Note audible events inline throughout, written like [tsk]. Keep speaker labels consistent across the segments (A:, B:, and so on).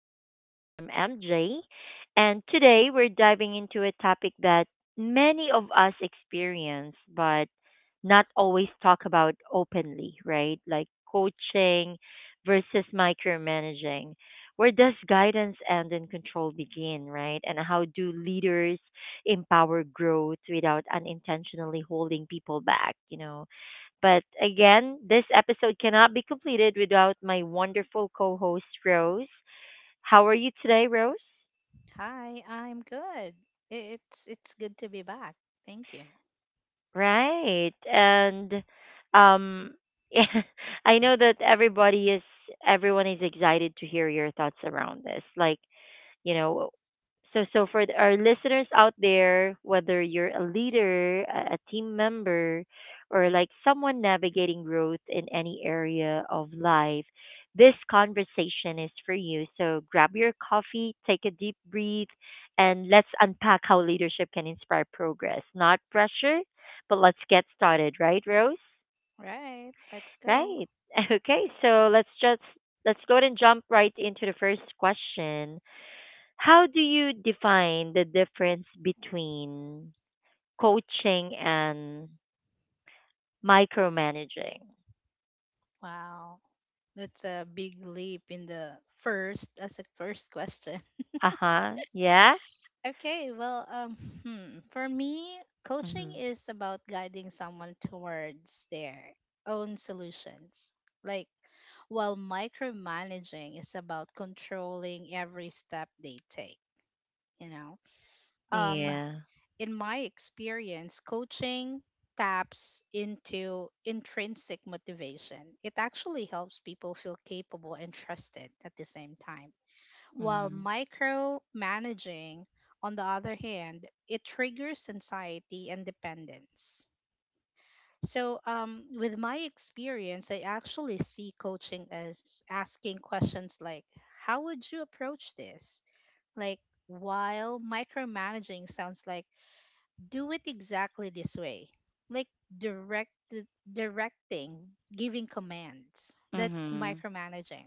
A: again. I'm MJ, and today we're diving into a topic that many of us experience, but not always talk about openly, right? Like coaching versus micromanaging. Where does guidance end and control begin, right? And how do leaders empower growth without unintentionally holding people back? But again, this episode cannot be completed without my wonderful co host, Rose. How are you today, Rose?
B: Hi, I'm good. It's good to be back. Thank you.
A: Right. And um, [laughs] I know that everyone is excited to hear your thoughts around this. Like, you know so for our listeners out there, whether you're a leader, a team member, or like someone navigating growth in any area of life, this conversation is for you. So grab your coffee, take a deep breath, and let's unpack how leadership can inspire progress, not pressure. But let's get started, right, Rose?
B: Right, let's go.
A: Right. [laughs] Okay, so let's go ahead and jump right into the first question. How do you define the difference between coaching and micromanaging?
B: Wow, that's a big leap in the first as a first question. [laughs]
A: Uh huh. Yeah.
B: Okay, well, for me, coaching
A: Hmm.
B: is about guiding someone towards their own solutions. Like, while micromanaging is about controlling every step they take. You know, um,
A: Yeah.
B: in my experience, coaching taps into intrinsic motivation. It actually helps people feel capable and trusted at the same time. While
A: Hmm.
B: micromanaging, on the other hand, it triggers anxiety and dependence. So, with my experience, I actually see coaching as asking questions like, how would you approach this? Like, while micromanaging sounds like do it exactly this way, like direct, directing, giving commands, that's
A: Hmm.
B: micromanaging.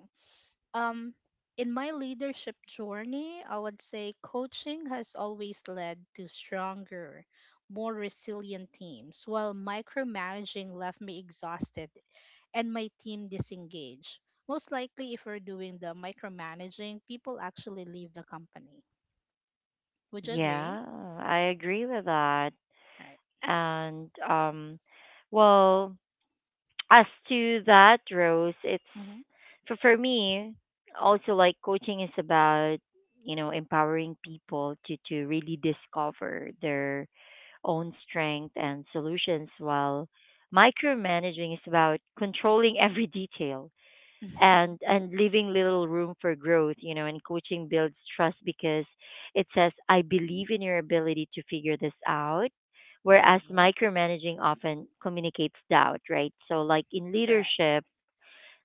B: um in my leadership journey, I would say coaching has always led to stronger, more resilient teams, while micromanaging left me exhausted and my team disengaged. Most likely, if we're doing the micromanaging, people actually leave the company. Would you agree?
A: Yeah. I agree with that.
B: Right.
A: And well, [tsk] as to that, Rose, it's,
B: Mm-hmm.
A: for me, also like coaching is about empowering people to really discover their own strength and solutions, while micromanaging is about controlling [laughs] every detail, and leaving little room for growth, and coaching builds trust, because it says, "I believe in your ability to figure this out,"
B: [laughs]
A: whereas
B: Right.
A: micromanaging often communicates doubt, right? So like in
B: Correct.
A: leadership,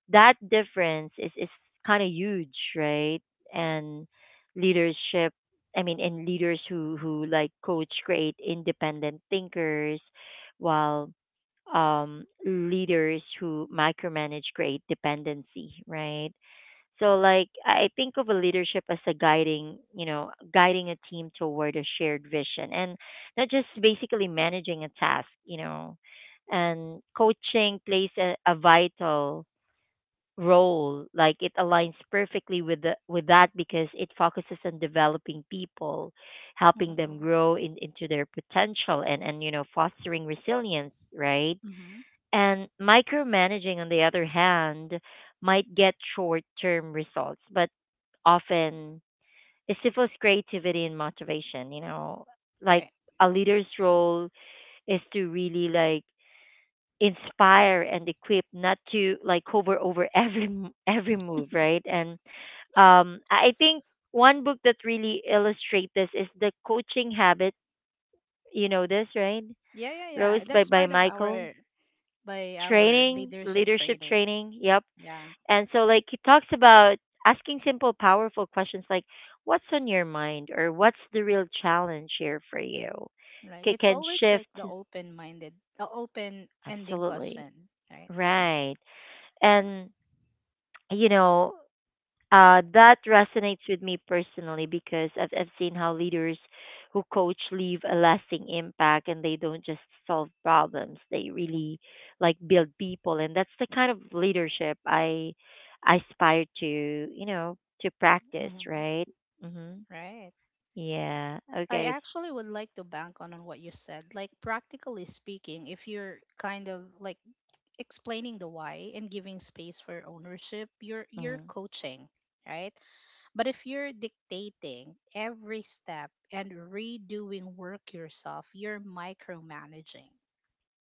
A: that difference is kind of huge, right? And leadership, I mean, and leaders who like coach create independent thinkers, while leaders who micromanage create dependency, right? So like I think of a leadership as a guiding, guiding a team toward a shared vision, and not just basically managing a task. And coaching plays a vital role, like it aligns perfectly with with that, because it focuses on developing people, helping them
B: Mm-hmm.
A: grow into their potential, and fostering resilience, right?
B: hmm
A: And micromanaging, on the other hand, might get short term results, but often it stifles creativity and motivation, like
B: Right.
A: a leader's role is to really like inspire and equip, not to like hover over [laughs] every move, right? And I think one book that really illustrates this is The Coaching Habit. You know this, right,
B: Yeah, yeah, yeah.
A: Rose? by
B: That's
A: by
B: part of
A: Michael.
B: our, by our
A: Training,
B: leadership
A: leadership
B: training.
A: training. Yep.
B: Yeah.
A: And so like he talks about asking simple, powerful questions like, "What's on your mind?" or "What's the real challenge here for you?"
B: Like
A: It
B: it's
A: can
B: always like the
A: shift,
B: open-minded, the open ending
A: absolutely,
B: question, right? Yeah.
A: right? And you know Uh, that resonates with me personally, because I've seen how leaders who coach leave a lasting impact, and they don't just solve problems. They really like build people. And that's the kind of leadership I aspire to practice,
B: Mm-hmm.
A: right? Hmm.
B: Right.
A: Yeah.
B: I
A: Okay.
B: actually would like to bank on what you said. Like practically speaking, if you're kind of like explaining the why and giving space for ownership, you're
A: Mm.
B: coaching, right? But if you're dictating every step and redoing work yourself, you're micromanaging,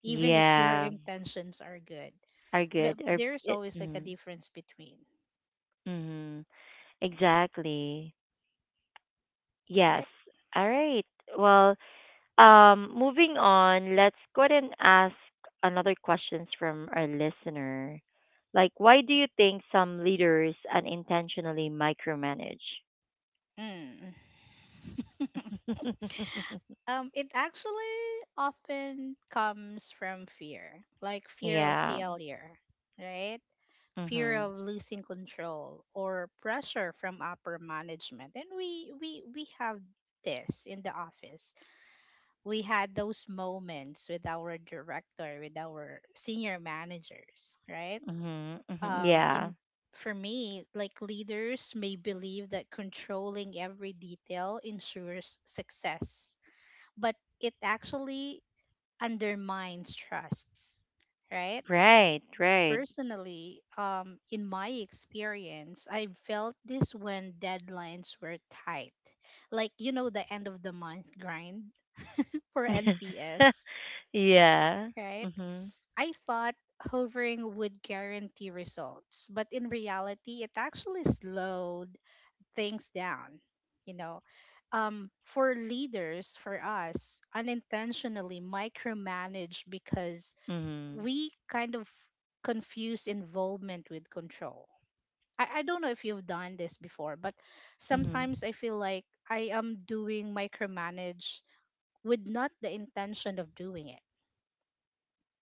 B: even if your [laughs]
A: Yeah.
B: intentions are good.
A: Are
B: But
A: good. Are,
B: there's
A: it,
B: always like a
A: mm,
B: difference between,
A: mm, exactly. Yes.
B: right?
A: All right. Well, moving on, let's go ahead and ask another questions from our listener. Like, why do you think some leaders unintentionally micromanage?
B: Mm. [laughs]
A: [laughs]
B: It actually often comes from fear, like fear of
A: Yeah.
B: failure, right? Fear
A: Mhm.
B: of losing control or pressure from upper management, and we have this in the office. We had those moments with our director, with our senior managers, right?
A: Mhm. Mhm. Yeah.
B: In For me, like, leaders may believe that controlling every detail ensures success, but it actually undermines trusts, right?
A: Right. Right.
B: Personally, in my experience, I felt this when deadlines were tight. Like, you know, the end of the month grind for
A: [laughs]
B: NPS,
A: Yeah.
B: right?
A: Mhm.
B: I thought hovering would guarantee results, but in reality, it actually slowed things down, you know. For leaders, for us, unintentionally micromanage because
A: Mhm.
B: we kind of confuse involvement with control. I don't know if you've done this before, but
A: Mhm.
B: sometimes I feel like I am doing micromanage with not the intention of doing it,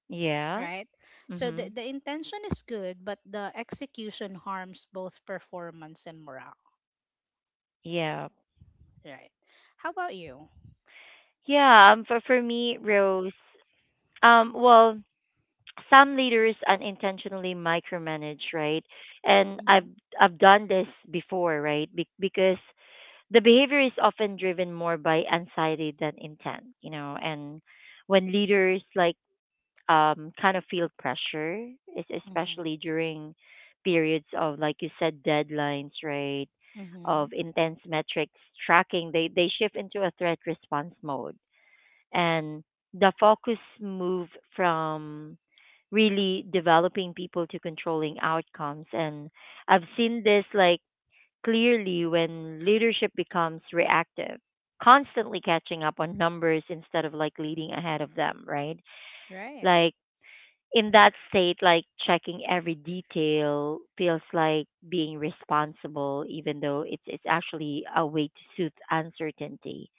A: Yeah.
B: right? So the,
A: Mhm.
B: the intention is good, but the execution harms both performance and morale,
A: Yeah.
B: right? How about you?
A: Yeah. For me, Rose. Well, some leaders unintentionally micromanage, right? And I've
B: Mm-hmm.
A: I've done this before, right? Because the behavior is often driven more by anxiety than intent. And when leaders like kind of feel pressure,
B: Mm-hmm.
A: especially during periods of, like you said, deadlines, right? Of
B: Mm-hmm.
A: intense metrics tracking, they shift into a threat response mode, and the focus moved from really developing people to controlling outcomes. And I've seen this like clearly when leadership becomes reactive, constantly catching up on numbers instead of like leading ahead of them, right?
B: Right.
A: Like in that state, like checking every detail feels like being responsible, even though it's actually a way to soothe uncertainty.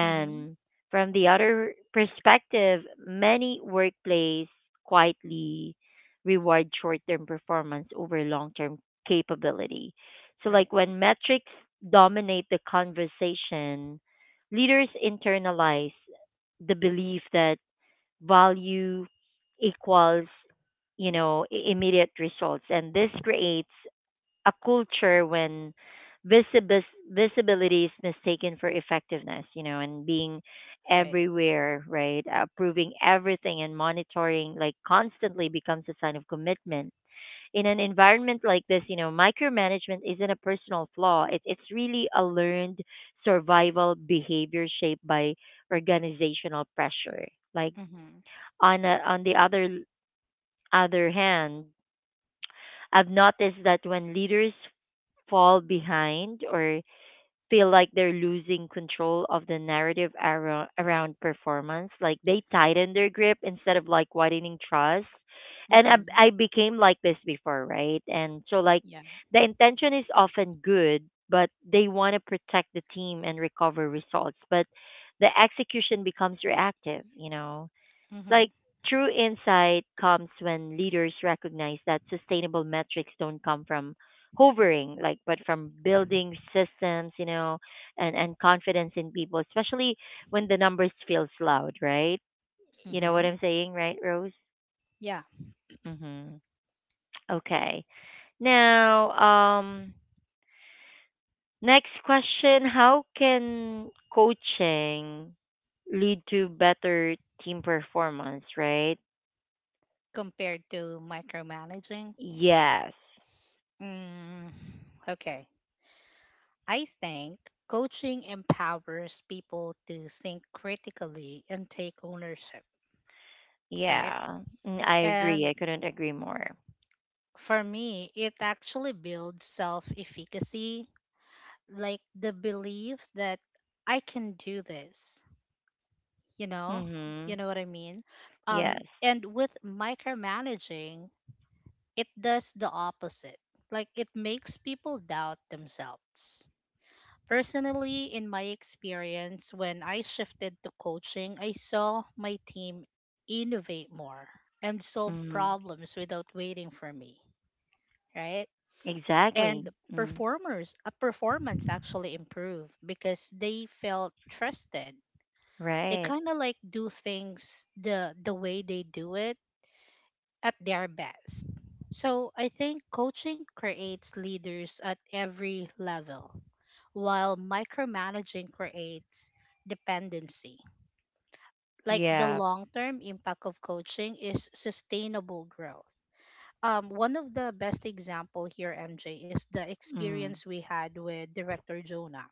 B: Mm-hmm.
A: from the other perspective, many workplaces quietly reward short-term performance over long-term capability. So
B: Right.
A: like when metrics dominate the conversation, leaders internalize the belief that value equals, immediate results, and this creates a culture when visibis visibility is mistaken for effectiveness, and being
B: Right.
A: everywhere, right? Approving everything and monitoring like constantly becomes a sign of commitment. In an environment like this, micromanagement isn't a personal flaw. It's really a learned survival behavior shaped by organizational pressure. Like
B: Mm-hmm.
A: on the other hand, I've noticed that when leaders fall behind or feel like they're losing control of the narrative around performance, like they tighten their grip instead of like widening trust. And I,
B: Mm-hmm.
A: I became like this before, right? And so like
B: Yeah.
A: the intention is often good, but they want to protect the team and recover results. But the execution becomes reactive.
B: Mm-hmm.
A: Like true insight comes when leaders recognize that sustainable metrics don't come from hovering, like but from building systems, and confidence in people, especially when the numbers feels loud, right? You know
B: Mm-hmm.
A: what I'm saying, right, Rose?
B: Yeah.
A: Mhm. Okay. Now, next question: how can coaching lead to better team performance, right?
B: Compared to micromanaging.
A: Yes.
B: Mm. Okay. I think coaching empowers people to think critically and take ownership, right?
A: Yeah, I agree.
B: And
A: I couldn't agree more.
B: for me, it actually builds self efficacy, like the belief that I can do this, you know? You
A: Mhm.
B: know what I mean?
A: Yes.
B: And with micromanaging, it does the opposite. Like it makes people doubt themselves. Personally, in my experience, when I shifted to coaching, I saw my team innovate more and solve
A: Mhm.
B: problems without waiting for me, right? And
A: Exactly. Mm.
B: performers, a performance actually improved because they felt trusted. They
A: Right.
B: kind of like do things the way they do it at their best. So I think coaching creates leaders at every level, while micromanaging creates dependency. Like the
A: Yeah.
B: long term impact of coaching is sustainable growth. One of the best example here, MJ, is the
A: Mm.
B: experience we had with director Jonah,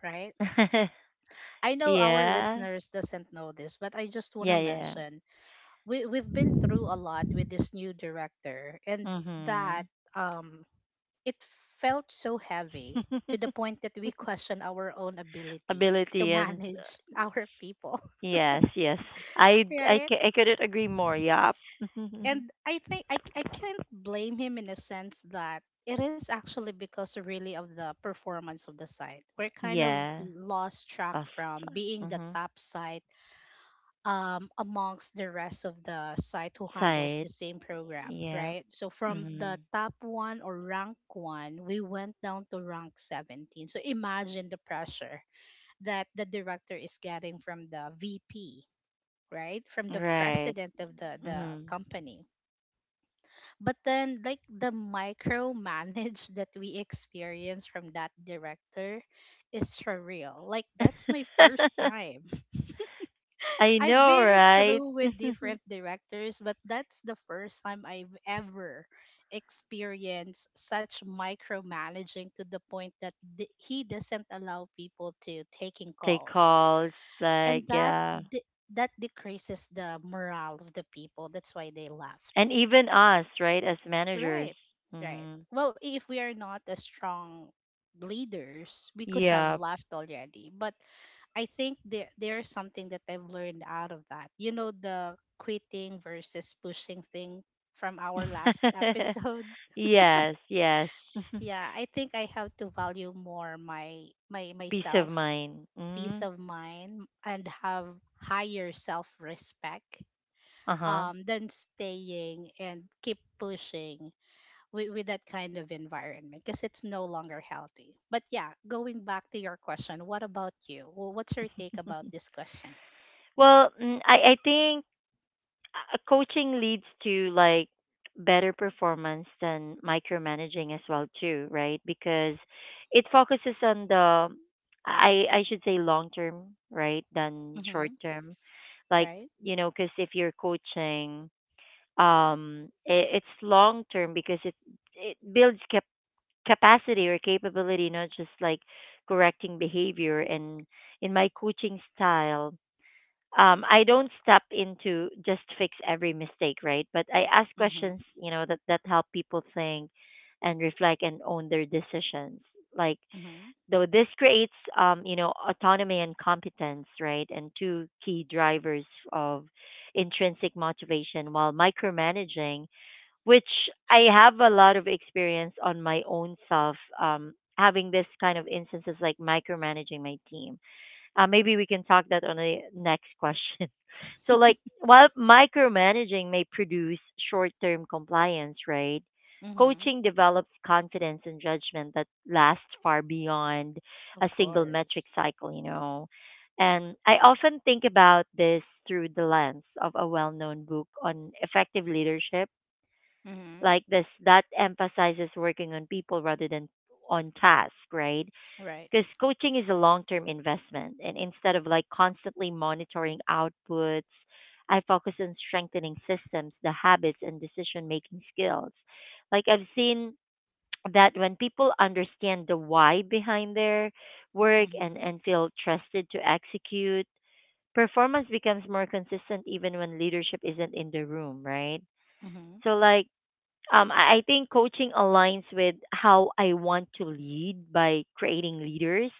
B: right? I
A: [laughs]
B: know our
A: Yeah.
B: listeners doesn't know this, but I just want
A: Yeah,
B: to
A: yeah.
B: mention we we've been through a lot with this new director, and
A: Mhm.
B: that um it felt so heavy to the
A: [laughs]
B: point that we question our own ability to
A: Ability, and
B: manage [laughs] our people,
A: yes, yes. I I
B: right?
A: c- I couldn't agree more. Yup. [laughs]
B: And I think I can't blame him in a sense that it is actually because really of the performance of the site. We're kind of
A: Yeah.
B: lost track
A: Bus.
B: from being the
A: Mhm.
B: top site amongst the rest of the site who handles the
A: Side.
B: same program,
A: Yep.
B: right? So from the
A: Mhm.
B: top one or rank one, we went down to rank 17. So imagine the pressure that the director is getting from the VP, right? From the
A: Right.
B: president of the
A: Mhm.
B: company. But then, like, the micromanage [laughs] that we experience from that director is surreal. Like, that's my first
A: [laughs]
B: time.
A: I
B: I've
A: know,
B: been
A: right?
B: through with
A: [laughs]
B: different directors, but that's the first time I've ever experienced such micromanaging, to the point that he doesn't allow people to taking
A: Take
B: calls,
A: calls,
B: and
A: like yeah,
B: that decreases the morale of the people. That's why they left.
A: and even us, right, as managers.
B: Right, right.
A: Mm,
B: Well, if we are not a strong leaders, we could have
A: yeah.
B: left already. But I think there there's something that I've learned out of that. You know, the quitting versus pushing thing from our last
A: [laughs]
B: episode. [laughs]
A: Yes, yes. [laughs]
B: Yeah, I think I have to value more my my
A: Peace of
B: myself,
A: mind.
B: peace
A: Mm,
B: of mind, and have higher self respect
A: uh huh.
B: than staying and keep pushing with that kind of environment because it's no longer healthy. But yeah, going back to your question, what about you? Well, what's your take about this question?
A: Well, I think coaching leads to like better performance than micromanaging as well too, right? Because it focuses on the I should say long term, right, than short
B: Mm-hmm.
A: term. Like
B: Right?
A: because if you're coaching, it's long term because it builds capacity or capability, not just like correcting behavior. And in my coaching style, I don't step into just fix every mistake, right? But I ask questions,
B: Mhm.
A: that help people think and reflect and own their decisions, like,
B: Mhm.
A: though this creates, autonomy and competence, right? And two key drivers of intrinsic motivation, while micromanaging, which I have a lot of experience on my own self, having this kind of instances like micromanaging my team. Maybe we can talk that on the next [laughs] question. So like, while micromanaging may produce short term compliance, right?
B: Mhm.
A: Coaching develops confidence and judgment that lasts far beyond
B: Of
A: a single metric
B: course.
A: cycle. And I often think about this through the lens of a well known book on effective leadership,
B: Mhm.
A: like this, that emphasizes working on people rather than on task, right?
B: Right.
A: Because coaching is a long-term investment, and instead of like constantly monitoring outputs, I focus on strengthening systems, the habits and decision making skills. Like, I've seen that when people understand the why behind their work,
B: Mhm.
A: and feel trusted to execute, performance becomes more consistent, even when leadership isn't in the room, right?
B: Mhm.
A: So like, I think coaching aligns with how I want to lead by creating leaders,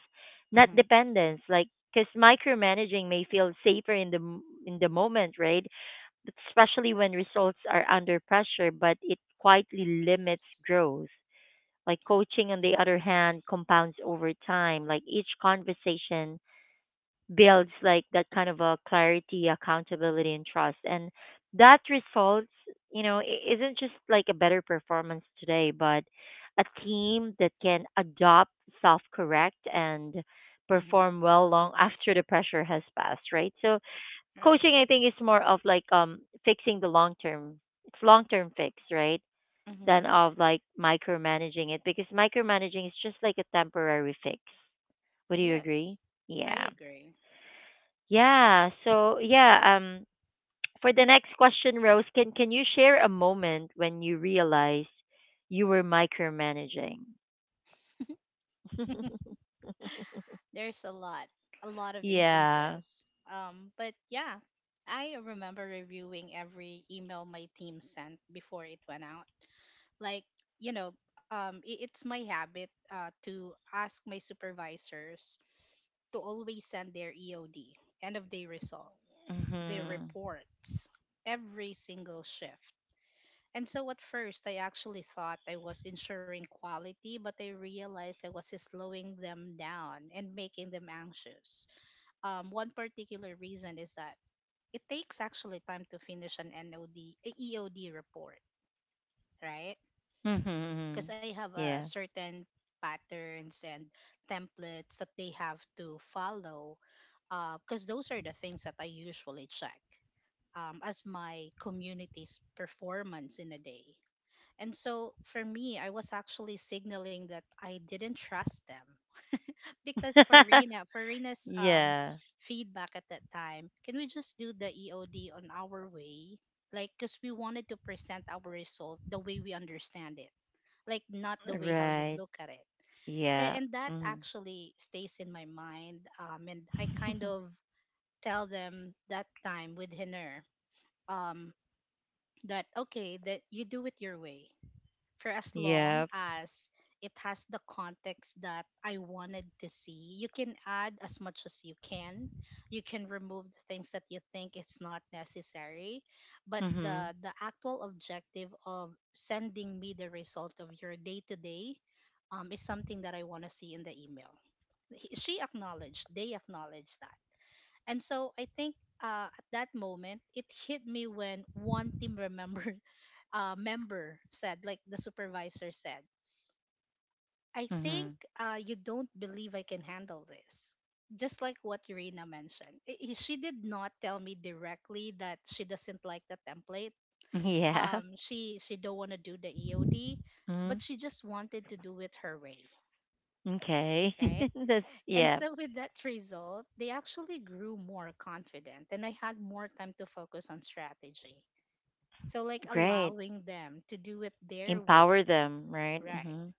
A: not
B: Mhm.
A: dependence. Like, because micromanaging may feel safer in the moment, right? But especially when results are under pressure, but it quietly limits growth. Like coaching, on the other
B: Right.
A: hand, compounds over time. Like each conversation builds like that kind of a clarity, accountability, and trust. And that results, isn't just like a better performance today, but a team that can adopt, self correct, and
B: Mhm.
A: perform well long [laughs] after the pressure has passed, right? So
B: Right.
A: coaching, I think, is more of like fixing the long term. It's long term fix, right? Than
B: Mhm.
A: of like micromanaging it, because micromanaging is just like a temporary fix. Would you
B: Yes.
A: agree?
B: I
A: Yeah.
B: agree.
A: Yeah. So yeah, [tsk] for the next question, Rose, can you share a moment when you realized you were micromanaging? [laughs]
B: There's a lot of
A: Yeah.
B: instances. But yeah, I remember reviewing every email my team sent before it went out. Like, you know, it's my habit to ask my supervisors to always send their EOD, end of day result, the
A: Mhm.
B: reports every single shift. And so at first, I actually thought I was ensuring quality, but I realized I was slowing them down and making them anxious. One particular reason is that it takes actually time to finish an NOD, EOD report, right?
A: Mhm.
B: Because
A: Mhm.
B: I have a
A: Yeah.
B: certain patterns and templates that they have to follow because those are the things that I usually check, as my community's performance in a day. And so for me, I was actually signaling that I didn't trust them because for Rena, for
A: [laughs]
B: Rena's
A: Yeah.
B: feedback at that time, can we just do the EOD on our way? Like, because we wanted to present our result the way we understand it, like not the way how you
A: Right.
B: look at it.
A: Yeah.
B: And that
A: Mhm.
B: actually stays in my mind. And I kind
A: [laughs]
B: of tell them that time with Hiner. Um, that okay, that you do it your way for as long
A: Yeah.
B: as it has the context that I wanted to see. You can add as much as you can, you can remove the things that you think it's not necessary, but
A: Mhm.
B: the actual objective of sending me the result of your day to day, is something that I want to see in the email. She acknowledged, they acknowledged that. And so I think, at that moment, it hit me when one team remembered [laughs] member said, like the supervisor said, I think
A: Mhm.
B: you don't believe I can handle this. Just like what Irina mentioned, she did not tell me directly that she doesn't like the template.
A: [laughs] Yeah.
B: She don't want to do the EOD,
A: Mhm.
B: but she just wanted to do it her way,
A: Okay.
B: right?
A: [laughs] That's
B: And
A: yeah.
B: so, with that result, they actually grew more confident and I had more time to focus on strategy. So, like
A: Great.
B: allowing them to do it their way,
A: Empower them, right?
B: right?
A: Mhm.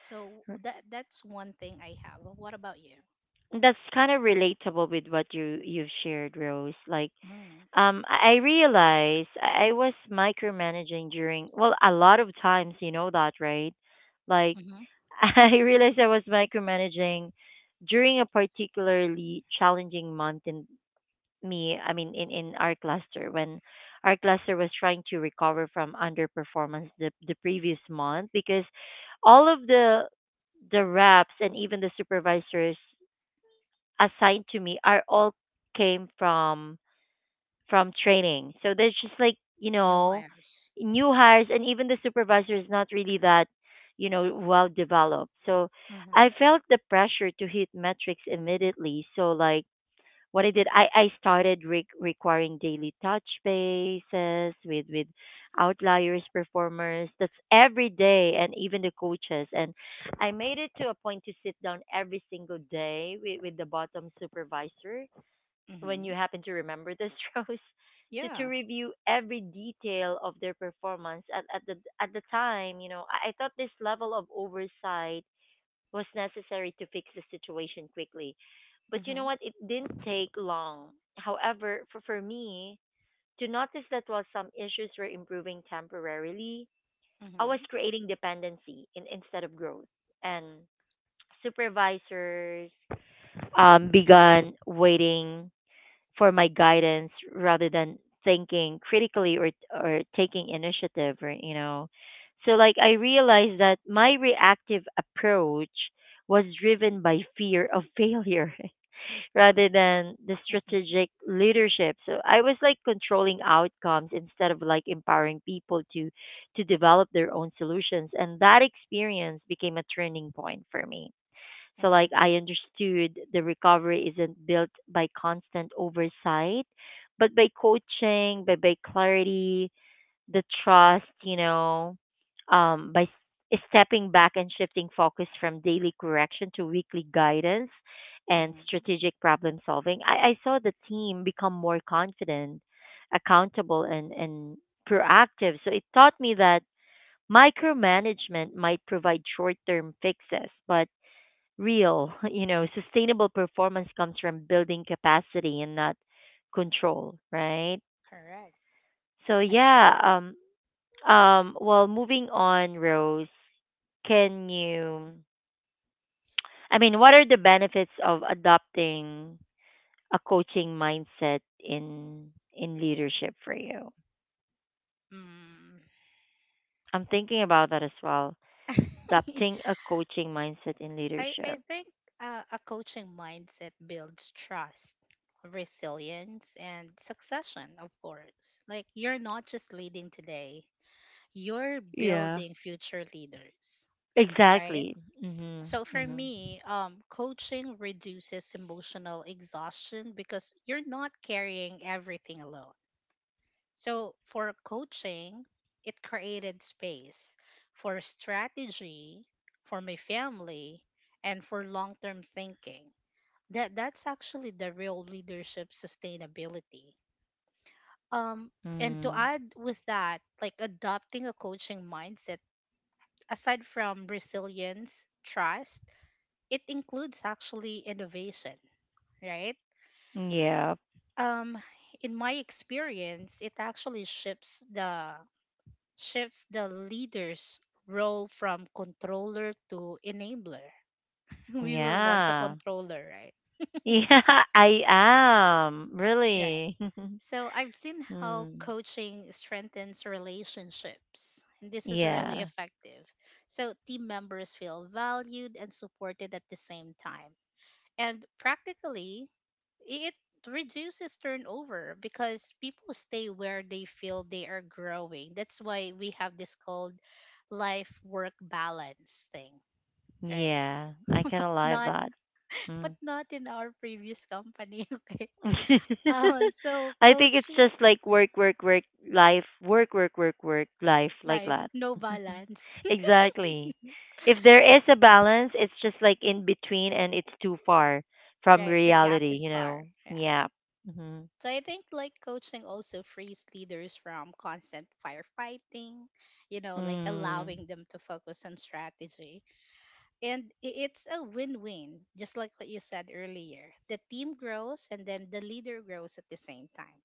B: So, that that's one thing I have. What about you?
A: That's kind of relatable with what you've shared, Rose. Like,
B: Mm.
A: I realized I was micromanaging during, well, a lot of times, you know that, right? Like,
B: Hmm.
A: [laughs] I realized I was micromanaging during a particularly challenging month in me. I mean, in our cluster, when our cluster was trying to recover from underperformance the previous month, because all of the reps and even the supervisors assigned to me are all came from training. So there's just like,
B: New hires.
A: new hires, and even the supervisor is not really that, well developed. So I
B: Mm-hmm.
A: felt the pressure to hit metrics immediately. So like what I did, I started requiring daily touch bases with outliers, performers. That's every day, and even the coaches. And I made it to a point to sit down every single day with the bottom supervisor. When
B: Mm-hmm.
A: you happen to remember this, [laughs] Rose, to
B: Yeah.
A: review every detail of their performance. At the time, you know, I thought this level of oversight was necessary to fix the situation quickly. But you know
B: Mm-hmm.
A: what? It didn't take long. However, for me, to notice that while some issues were improving temporarily, I was
B: Mm-hmm.
A: creating dependency instead of growth. And supervisors began waiting for my guidance rather than thinking critically or taking initiative or you know So like I realized that my reactive approach was driven by fear of failure [laughs] rather than the
B: Mm-hmm.
A: strategic leadership. So I was like controlling outcomes instead of like empowering people to develop their own solutions. And that experience became a turning point for me. So, like,
B: Mm-hmm.
A: I understood the recovery isn't built by constant oversight, but by coaching, by clarity, the trust, you know, by stepping back and shifting focus from daily correction to weekly guidance and
B: Mm-hmm.
A: strategic problem solving. I saw the team become more confident, accountable, and proactive. So, it taught me that micromanagement might provide short term fixes, but real, [laughs] you know, sustainable performance comes from building capacity and not control, right?
B: Correct.
A: So
B: I
A: yeah,
B: agree.
A: well, moving on, Rose, can you, I mean, what are the benefits of adopting a coaching mindset in leadership for you? I'm thinking about that as well.
B: Mm. [laughs]
A: Adopting a coaching mindset in
B: I,
A: leadership.
B: I think a coaching mindset builds trust, resilience, and succession, of course. Like, you're not just leading today, you're
A: Yeah.
B: building future leaders, right?
A: Exactly. Mhm.
B: So, for
A: Mhm.
B: me, coaching reduces emotional exhaustion because you're not carrying everything alone. So, for coaching, it created space for strategy, for my family, and for long term thinking. That that's actually the real leadership sustainability. Um, and to
A: Mm.
B: add with that, like adopting a coaching mindset, aside from resilience, trust, it includes actually innovation, right?
A: Yeah.
B: Um, in my experience, it actually shifts the leader's role from controller to enabler. [laughs] We were once a
A: Yeah. [laughs]
B: controller, right?
A: Yeah, I am. Really.
B: So I've seen
A: [laughs]
B: how
A: Mm.
B: coaching strengthens relationships, and this is really
A: Yeah.
B: effective. So team members feel valued and supported at the same time. And practically, it reduces turnover because people stay where they feel they are growing. That's why we have this called life work balance thing, right?
A: Yeah. I can alive
B: Not,
A: that.
B: but
A: Mm.
B: not in our previous company, [laughs] okay?
A: [laughs] I
B: So
A: think
B: coach
A: it's just like work, work, work, life, work, work, work, work, life, like
B: Life,
A: that.
B: no balance.
A: [laughs] Exactly. If there is a balance, it's just like in between and it's too far from
B: Right, the gap
A: reality,
B: is
A: you
B: far.
A: know?
B: Yeah.
A: Yeah. Hmm.
B: So I think like coaching also frees leaders from constant firefighting, you know, like
A: Mm.
B: allowing them to focus on strategy. And it's a win win, just like what you said earlier. The team grows and then the leader grows at the same time.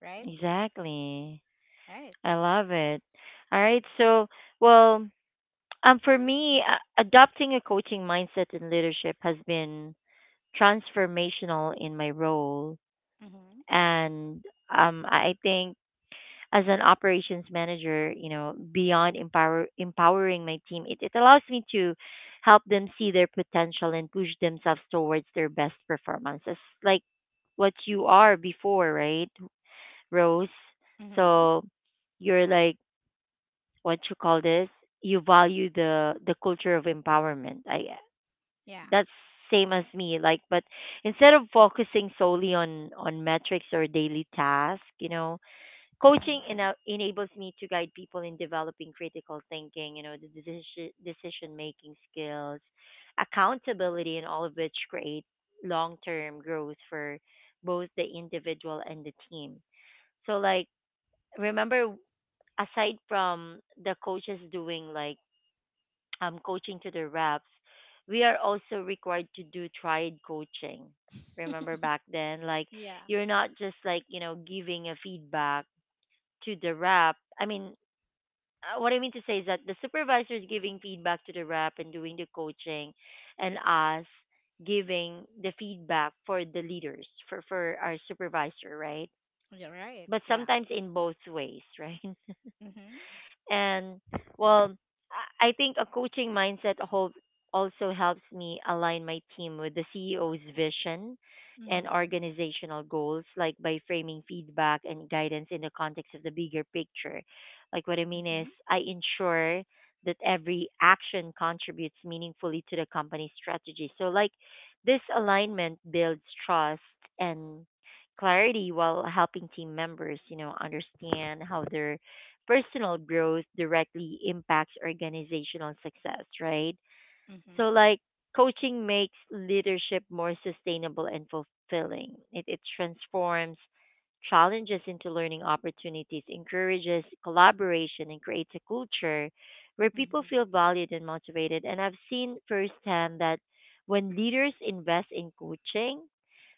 B: Right?
A: Exactly.
B: Right.
A: I love it. All right. So, well, for me, adopting a coaching mindset in leadership has been transformational in my role,
B: Mm-hmm.
A: and I think as an operations manager, you know, beyond empowering my team, it allows me to help them see their potential and push themselves towards their best performances, like what you are before, right, Rose?
B: Mm-hmm.
A: So you're like, what you call this, you value the culture of empowerment. i
B: Yeah.
A: that's same as me, like, but instead of focusing solely on metrics or daily tasks, you know, coaching
B: Mm-hmm.
A: enables me to guide people in developing critical thinking, you know, the decision making skills, accountability, and all of which create long term growth for both the individual and the team. So like, remember, aside from the coaches doing like coaching to the reps, we are also required to do triad coaching. Remember
B: [laughs]
A: back then, like
B: Yeah.
A: you're not just like, you know, giving a feedback to the rep. I mean, what I mean to say is that the supervisor is giving feedback to the rep and doing the coaching, and us giving the feedback for the leaders for our supervisor, right?
B: You're right.
A: But
B: Yeah.
A: sometimes in both ways, right? [laughs]
B: Mm-hmm.
A: And well, I think a coaching mindset also helps me align my team with the CEO's vision and
B: Mm-hmm.
A: organizational goals, like by framing feedback and guidance in the context of the bigger picture. Like, what I mean is,
B: Mm-hmm.
A: I ensure that every action contributes meaningfully to the company's strategy. So, like, this alignment builds trust and clarity while helping team members, you know, understand how their personal growth directly impacts organizational success, right? So,
B: Mm-hmm.
A: like, coaching makes leadership more sustainable and fulfilling. It transforms challenges into learning opportunities, encourages collaboration, and creates a culture where people
B: Mm-hmm.
A: feel valued and motivated. And I've seen firsthand that when leaders invest in coaching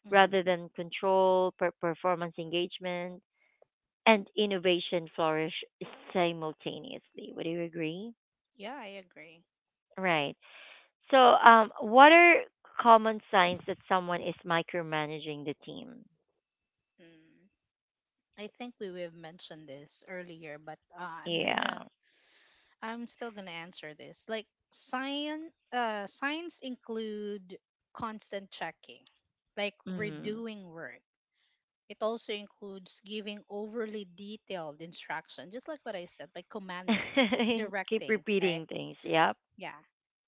A: rather
B: Mm-hmm.
A: than control, performance engagement, and innovation flourish simultaneously. Would you agree?
B: Yeah, I agree.
A: Right. So, what are common signs that someone is micromanaging the team?
B: Mm. I think we have mentioned this earlier, but I'm
A: Yeah.
B: gonna I'm still gonna answer this. Like signs include constant checking, like
A: Mm.
B: redoing work. It also includes giving overly detailed instruction, just like what I said, like commanding,
A: [laughs] Keep
B: directing, right?
A: repeating things. Yep.
B: Yeah,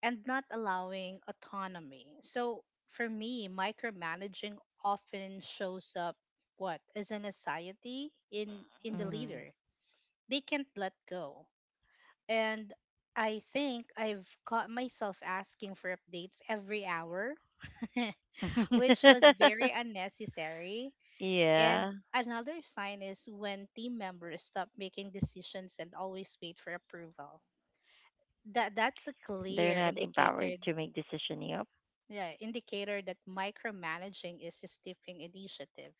B: and not allowing autonomy. So for me, micromanaging often shows up what as an anxiety in the
A: Mm.
B: leader, they can't let go. And I think I've caught myself asking for updates every hour, [laughs] which was
A: [laughs]
B: very unnecessary. And
A: Yeah.
B: another sign is when team members stop making decisions and always wait for approval. That's a
A: They're
B: clear
A: not empowered
B: indicator,
A: to make decision. Yep.
B: yeah, indicator that micromanaging is a stifling initiative.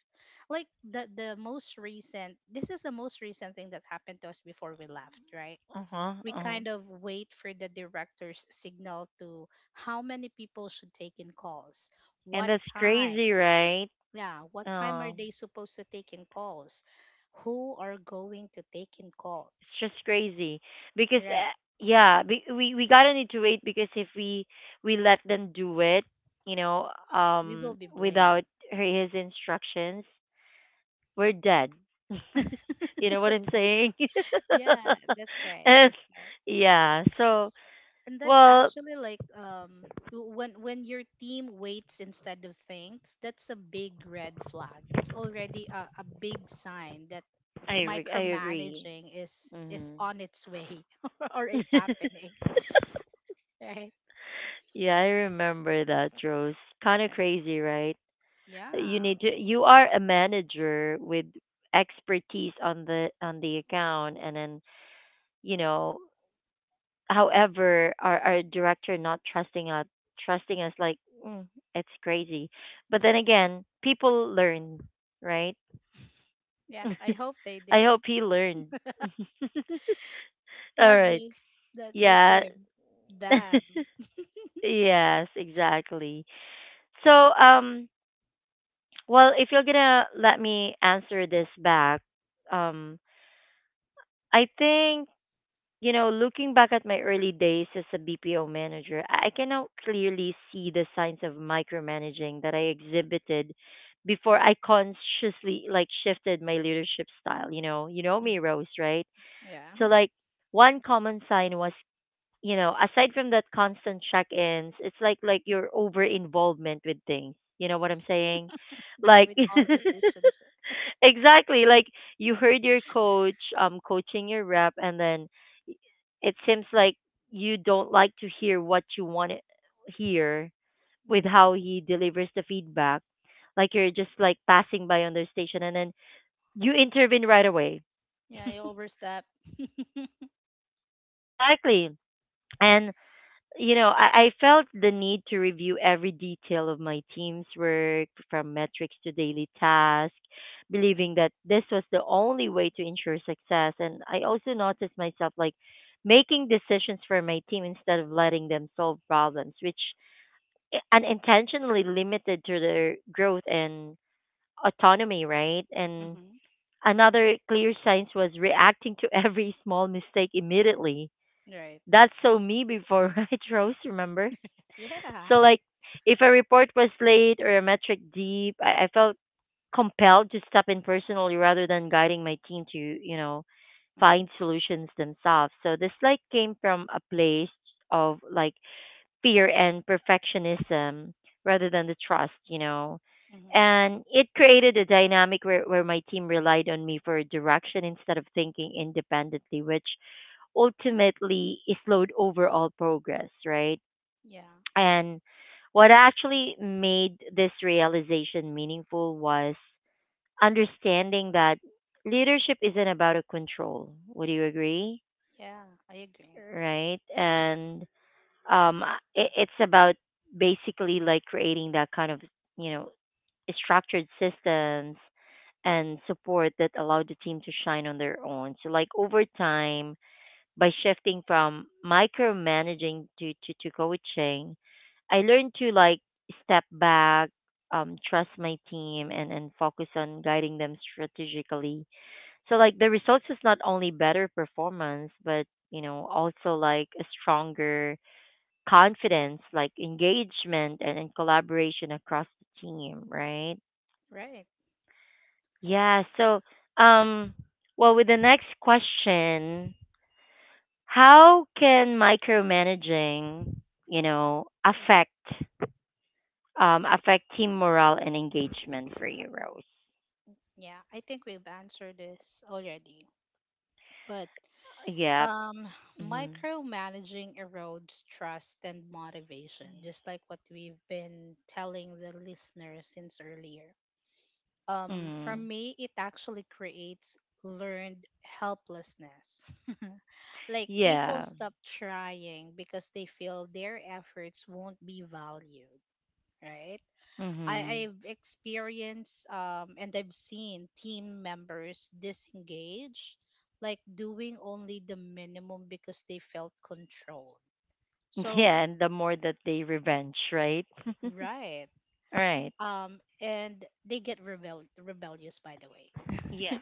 B: Like the most recent this is the most recent thing that happened to us before we left, right?
A: Uh huh.
B: We
A: Uh huh.
B: kind of wait for the director's signal to how many people should take in calls,
A: And
B: what
A: that's
B: time,
A: crazy, right?
B: yeah, what time are
A: Um.
B: they supposed to take in calls, who are going to take in
A: It's
B: calls,
A: just crazy because
B: right?
A: yeah, we gotta need to wait because if we let them do it, you know,
B: We will be
A: without
B: blamed.
A: her, his instructions, we're dead. [laughs] You know what I'm saying?
B: Yeah, that's
A: [laughs]
B: right.
A: And
B: That's right.
A: yeah, so
B: And that's
A: well,
B: actually like when your team waits instead of thinks, that's a big red flag. It's already a big sign that
A: I agree.
B: micromanaging is
A: Hmm.
B: on its way [laughs] or is
A: [laughs]
B: happening. Right?
A: Yeah, I remember that, Rose. Kind of
B: Right.
A: crazy, right? You
B: Yeah.
A: need to, you are a manager with expertise on the account, and then, you know, however, our director not trusting us, trusting us like, mm, it's crazy, but then again people learn, right?
B: Yeah. I hope they
A: [laughs] I hope
B: did.
A: he learned. [laughs] All
B: Not
A: right.
B: just that, just
A: Yeah.
B: him. Them.
A: [laughs] Yes, exactly. So um, well, if you're gonna let me answer this back, um, I think, you know, looking back at my early days as a BPO manager, I can now clearly see the signs of micromanaging that I exhibited before I consciously like shifted my leadership style. You know me,
B: Hmm.
A: Rose, right?
B: Yeah.
A: So like one common sign was, you know, aside from that constant check-ins, it's like your over involvement with things. You know what I'm saying?
B: Yeah,
A: Like
B: with all decisions.
A: [laughs] exactly, like you heard your coach coaching your rep, and then it seems like you don't like to hear what you want to hear with
B: Mhm.
A: how he delivers the feedback. Like you're just like passing by on their station, and then you intervene right away.
B: Yeah, you
A: [laughs]
B: overstep. [laughs]
A: Exactly. And you know, I felt the need to review every detail of my team's work, from metrics to daily tasks, believing that this was the only way to ensure success. And I also noticed myself like making decisions for my team instead of letting them solve problems, which unintentionally limited to their growth and autonomy, right? And
B: Hmm.
A: another clear sign was reacting to every [laughs] small mistake immediately.
B: Right.
A: That's so me before, [laughs] right, Rose? Remember?
B: Yeah.
A: So like if a report was late or a metric deep, I felt compelled to step in personally rather than guiding my team to, you know,
B: Hmm.
A: find solutions themselves. So this like came from a place of like fear and perfectionism rather than the trust, you know.
B: Mm-hmm.
A: And it created a dynamic where my team relied on me for direction instead of thinking independently, which ultimately slowed overall progress, right?
B: Yeah,
A: And what actually made this realization meaningful was understanding that leadership isn't about a control. Would you agree?
B: yeah, I agree.
A: Right? And um, it's about basically like creating that kind of, you know, structured systems and support that allow the team to shine on their own. So, like, over time, by shifting from micromanaging to coaching, I learned to like step back, trust my team, and focus on guiding them strategically. So like the results is not only better performance, but you know, also like a stronger confidence, like engagement, and collaboration across the team, right?
B: Right.
A: Yeah, so um, well, with the next question, how can micromanaging, you know, affect affect team morale and engagement for you, Rose?
B: Yeah, I think we've answered this already. But
A: Yep.
B: um,
A: Mhm.
B: micromanaging erodes trust and motivation, just like what we've been telling the listeners since earlier. For
A: Mhm.
B: me, it actually creates learned helplessness. [laughs] Like people
A: Yeah.
B: stop trying because they feel their efforts won't be valued, right?
A: Mhm.
B: I've experienced and I've seen team members disengage, like doing only the minimum because they felt controlled.
A: [laughs]
B: So,
A: Yeah, and the more that they revenge, right? [laughs]
B: right.
A: Right.
B: And they get rebellious, by the way.
A: Yeah.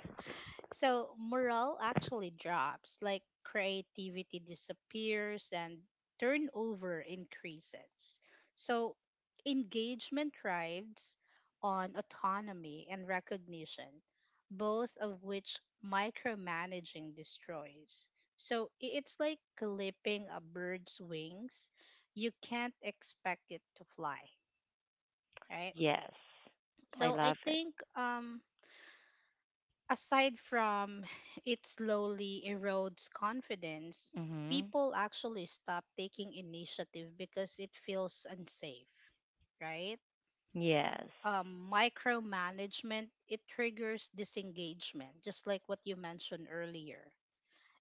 B: So morale actually drops, like creativity disappears and turnover increases. So engagement thrives on autonomy and recognition, both of which micromanaging destroys. So it's like clipping a bird's wings. You can't expect it to fly, right?
A: Yes. I
B: So I
A: love it.
B: think aside from it slowly erodes confidence,
A: Mhm.
B: people actually stop taking initiative because it feels unsafe, right?
A: Yes.
B: Micromanagement it triggers disengagement, just like what you mentioned earlier.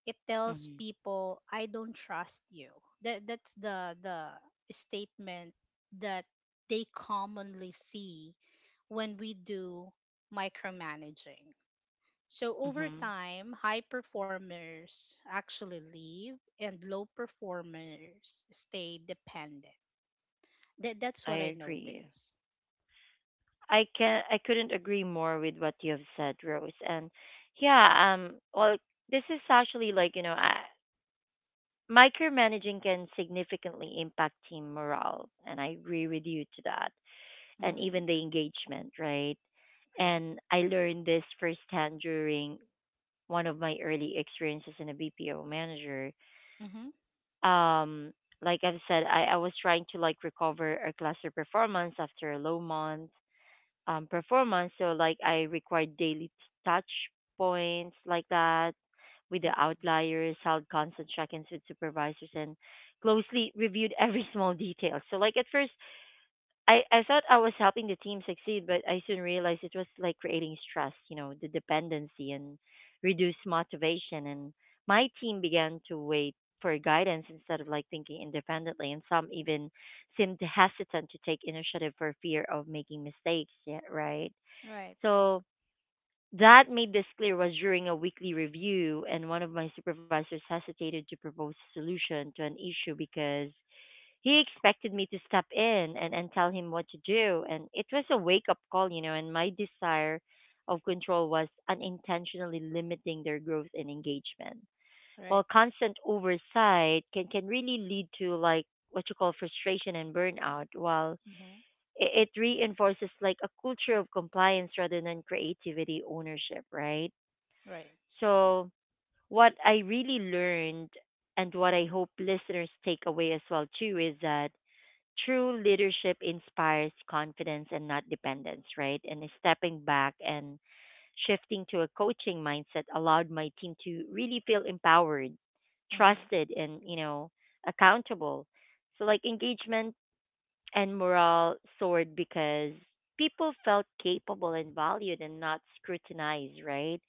B: It tells
A: Mhm.
B: people, "I don't trust you." That's the statement that they commonly see when we do micromanaging. So over
A: Mhm.
B: time, high performers actually leave and low performers stay dependent. That's
A: I
B: what I
A: agree.
B: noticed.
A: I can, I couldn't agree more with what you have said, Rose. And yeah, well, this is actually like, you know, micromanaging can significantly impact team morale, and I agree with you to that, and
B: Mm-hmm.
A: even the engagement, right?
B: Right.
A: And I learned this firsthand during one of my early experiences in a BPO manager.
B: Mm-hmm.
A: Um, like I've said, I was trying to like recover a cluster performance after a low month performance. So like I require daily touch points like that with the
B: Mm-hmm.
A: outliers, held constant check-ins with supervisors, and closely reviewed every [laughs] small detail. So like at first, I thought I was helping the team succeed, but I soon realized it was like creating stress, you know, the dependency and reduced motivation. And my team began to wait for guidance instead of like thinking independently. And some even seemed hesitant to take initiative for fear of making mistakes. Yeah, right.
B: Right. Right.
A: So that made this clear was during a weekly review, and one of my supervisors hesitated to propose a solution to an issue because he expected me to step in and tell him what to do. And it was a wake up call, you know, and my desire of control was unintentionally limiting their growth and engagement.
B: Right.
A: While constant oversight can really lead to like what you call frustration and burnout, while
B: Mm-hmm.
A: it reinforces like a culture of compliance rather than creativity ownership, right?
B: Right.
A: So what I really learned and what I hope listeners take away as well too is that true leadership inspires confidence and not dependence, right? And stepping back and shifting to a coaching mindset allowed my team to really feel empowered,
B: Mm-hmm.
A: trusted and, accountable. So like engagement and morale soared because people felt capable and valued and not scrutinized, right?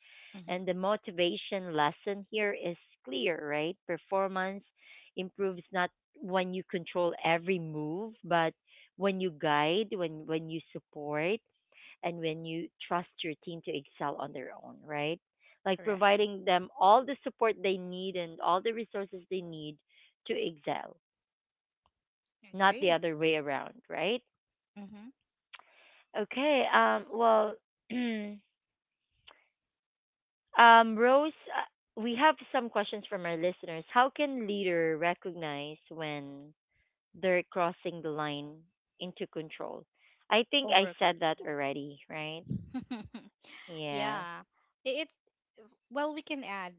A: And
B: Mm-hmm.
A: the motivation lesson here is clear, right? Performance improves not when you control every move, but when you guide, when you support, and when you trust your team to excel on their own, right? Like
B: Correct.
A: providing them all the support they need and all the resources they need to excel,
B: I
A: not the
B: agree.
A: other way around, right?
B: Mm-hmm.
A: Okay. Well. [clears throat] Rose, we have some questions from our listeners. How can leader recognize when they're crossing the line into control? I think I
B: Over
A: said that
B: control.
A: already, right?
B: [laughs]
A: Yeah.
B: Yeah. It, it. Well, we can add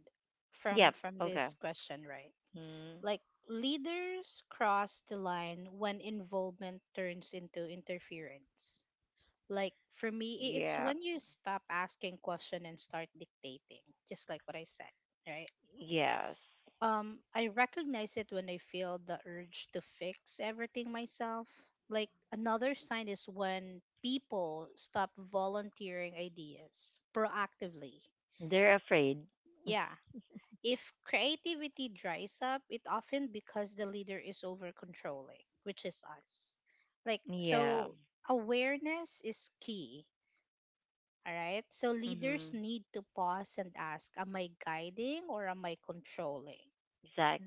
B: from
A: Yep.
B: from
A: Okay.
B: this question, right?
A: Mm.
B: Like leaders cross the line when involvement turns into interference. Like for me, it's
A: Yeah.
B: when you stop asking question and start dictating, just like what I said, right?
A: Yes.
B: I recognize it when I feel the urge to fix everything myself. Like another sign is when people stop volunteering ideas proactively.
A: They're afraid.
B: Yeah, if creativity dries up, it often because the leader is over controlling, which is us. Like
A: Yeah.
B: so awareness is key. All right. So leaders
A: Mhm.
B: need to pause and ask, am I guiding or am I controlling?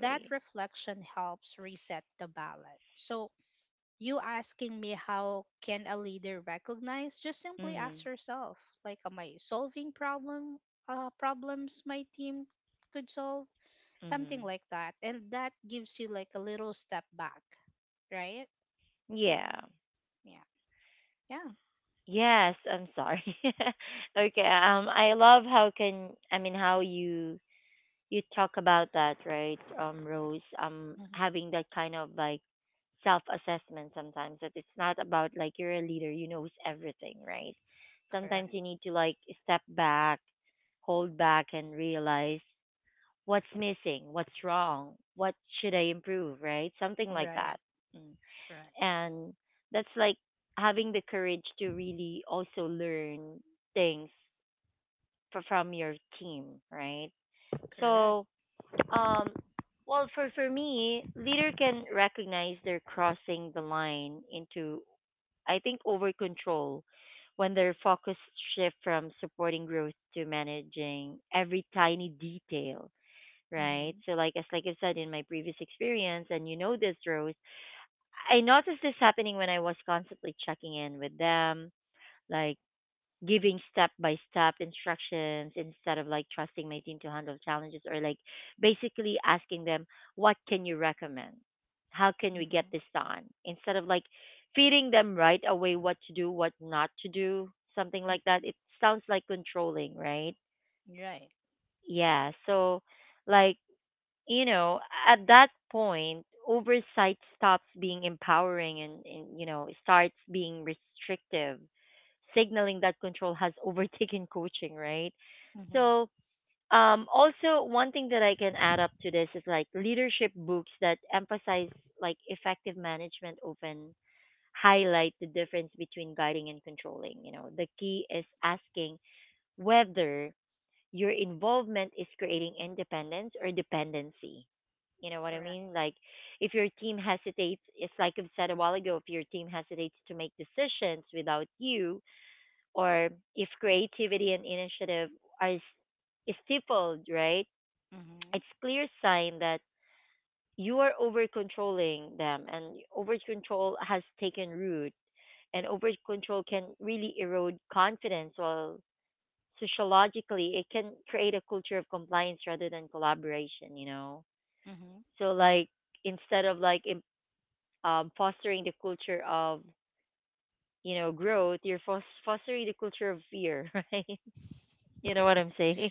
B: That reflection helps reset the balance. So you asking me how can a leader recognize? Just simply
A: Mhm.
B: ask yourself, like, am I solving problems my team could solve? Something
A: Mhm.
B: like that, and that gives you like a little step back, right?
A: Yeah.
B: Yeah. Yeah.
A: Yes, I'm sorry. [laughs] Okay, I love how can I mean how you talk about that, right? Rose,
B: Hmm.
A: having that kind of like self-assessment sometimes that it's not about like you're a leader, you knows everything, right? Sometimes
B: Correct.
A: you need to like step back, hold back and realize what's missing, what's wrong, what should I improve, right? Something like
B: Right.
A: that. Mm.
B: Correct.
A: And that's like having the courage to really also learn things from your team, right?
B: Correct.
A: So um well, for me leader can recognize they're crossing the line into, I think, over control when their focus shift from supporting growth to managing every tiny detail, right?
B: Mm-hmm.
A: So like as like I said in my previous experience and you know this, Rose, I noticed this happening when I was constantly checking in with them, like giving step by step instructions instead of like trusting my team to handle challenges, or like basically asking them, what can you recommend? How can we
B: Mm-hmm.
A: get this done? Instead of like feeding them right away what to do, what not to do, something like that. It
B: Mm-hmm.
A: sounds like controlling, right?
B: Right.
A: Yeah. So, like, you know, at that point, oversight stops being empowering and, you know, starts being restrictive, signaling that control has [laughs] overtaken coaching, right? So,
B: Mm-hmm.
A: also one thing that I can add up to this is like leadership books that emphasize like effective management often highlight the difference between guiding and controlling. You know, the key is asking whether your involvement is creating independence or dependency, you know what I
B: Correct.
A: mean? Like if your team hesitates, it's like I've said a while ago, if your team hesitates to make decisions without you, or if creativity and initiative are stifled, right?
B: Mm-hmm.
A: It's clear sign that you are over controlling them and over control has taken root and over control can really erode confidence, while sociologically it can create a culture of compliance rather than collaboration, you know?
B: Mm-hmm.
A: So like instead of like fostering the culture of, you know, growth, you're fostering the culture of fear, [laughs] right? You know what I'm saying?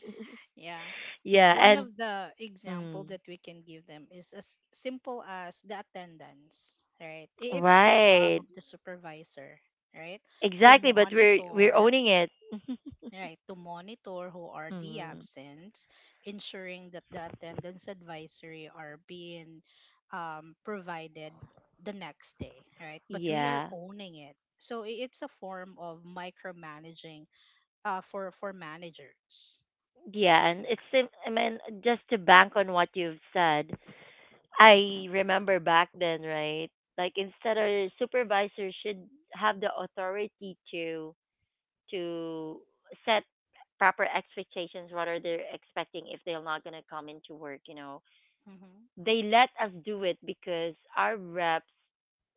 B: Yeah,
A: [laughs] Yeah,
B: one
A: and
B: of the example
A: mm,
B: that we can give them is as simple as the attendance, right? It's the job
A: right,
B: of the supervisor, right, to
A: exactly. But we're
B: monitor,
A: owning it.
B: right, to monitor who are
A: [laughs]
B: the
A: Mm,
B: absence, ensuring that the attendance advisory are being provided the next day, right? But we are
A: yeah,
B: owning it. So it's a form of micromanaging for managers.
A: yeah, and
B: Right.
A: it's sim- I mean just to bank on what you've said. I remember back then, right? Like instead, our supervisor should have the authority to to set proper expectations rather they're expecting if they're not going to come into work, you know,
B: Mm-hmm.
A: they let us do it because our reps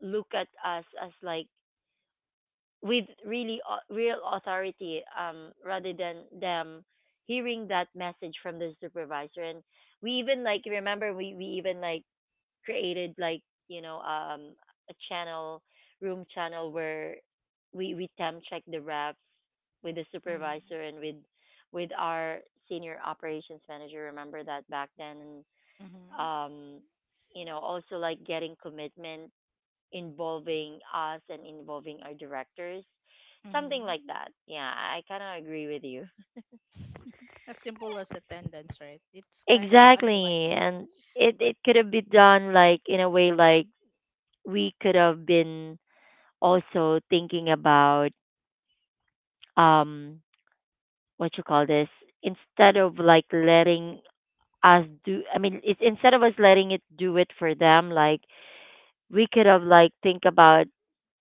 A: look at us as like with really real authority, rather than them hearing that message from the supervisor, and we even like remember we even like created like, you know, a channel, room channel, where we temp check the reps with the
B: Mm-hmm.
A: supervisor and with our senior operations manager, remember that back then.
B: Mm-hmm.
A: um you know, also like getting commitment, involving us and involving our directors, something
B: Mm-hmm.
A: like that. Yeah, I kind of agree with you.
B: [laughs] As simple as attendance, right? It's kind of
A: Exactly.
B: annoying,
A: And it
B: but
A: it could have been done like in a way like we could have been also thinking about, um what you call this, instead of like letting us do, I mean it's instead of us letting it do it for them, like we could have like think about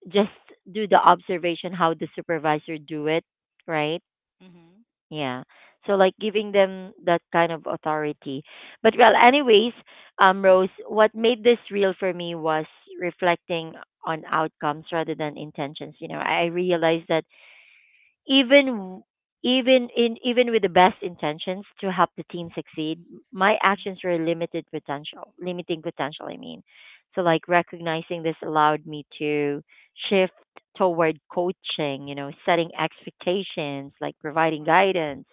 A: just do the observation how the supervisor do it, right?
B: mm-hmm.
A: Yeah. So like giving them that kind of authority, but well, anyways, Rose, what made this real for me was reflecting on outcomes rather than intentions, you know. I realized that even w- even in even with the best intentions to help the team succeed, my
B: Mm-hmm.
A: actions were limited potential, limiting potential, I mean. So like recognizing this allowed me to shift toward coaching, you know, setting expectations, like providing guidance,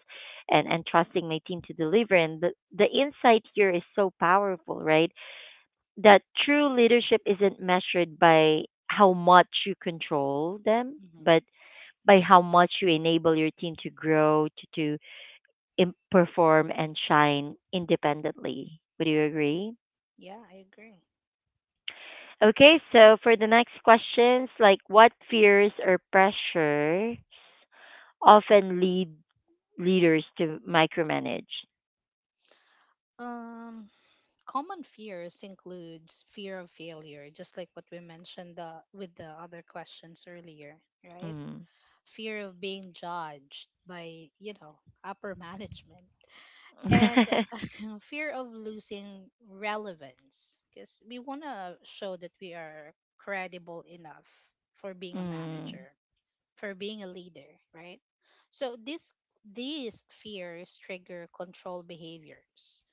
A: and trusting my team to deliver. And the insight here is so powerful, right? That true leadership isn't measured by how much you control them,
B: Mm-hmm.
A: but by how much you enable your team to grow, to perform and shine independently. Would you agree?
B: Yeah, I agree.
A: Okay, so for the next questions, like what fears or pressures often lead leaders to micromanage?
B: Um, common fears includes fear of failure, just like what we mentioned with the other questions earlier, right?
A: Mm.
B: Fear of being judged by, you know, upper management. And
A: [laughs]
B: [laughs] fear of losing relevance because we want to show that we are credible enough for being a
A: Mm.
B: manager, for being a leader, right? So this, these fears trigger control behaviors,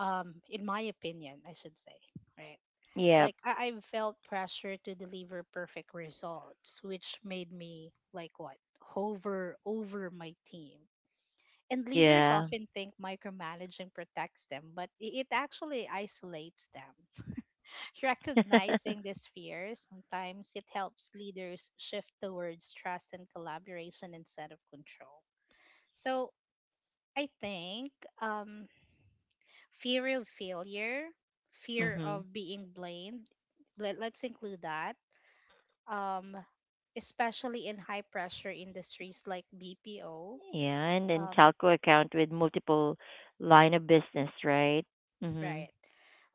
B: in my opinion I should say, right?
A: Yeah.
B: Like I've felt pressure to deliver perfect results which made me like what hover over my team, and leaders
A: Yeah.
B: often think micromanaging protects them but it actually isolates them. [laughs]
A: [laughs]
B: Recognizing this fear sometimes it helps leaders shift towards trust and collaboration instead of control. So I think um fear of failure, fear
A: Mm-hmm.
B: of being blamed. Let, let's include that. Um, especially in high pressure industries like BPO.
A: Yeah, and then
B: Um,
A: telco account with multiple line of business, right? Mm-hmm.
B: right.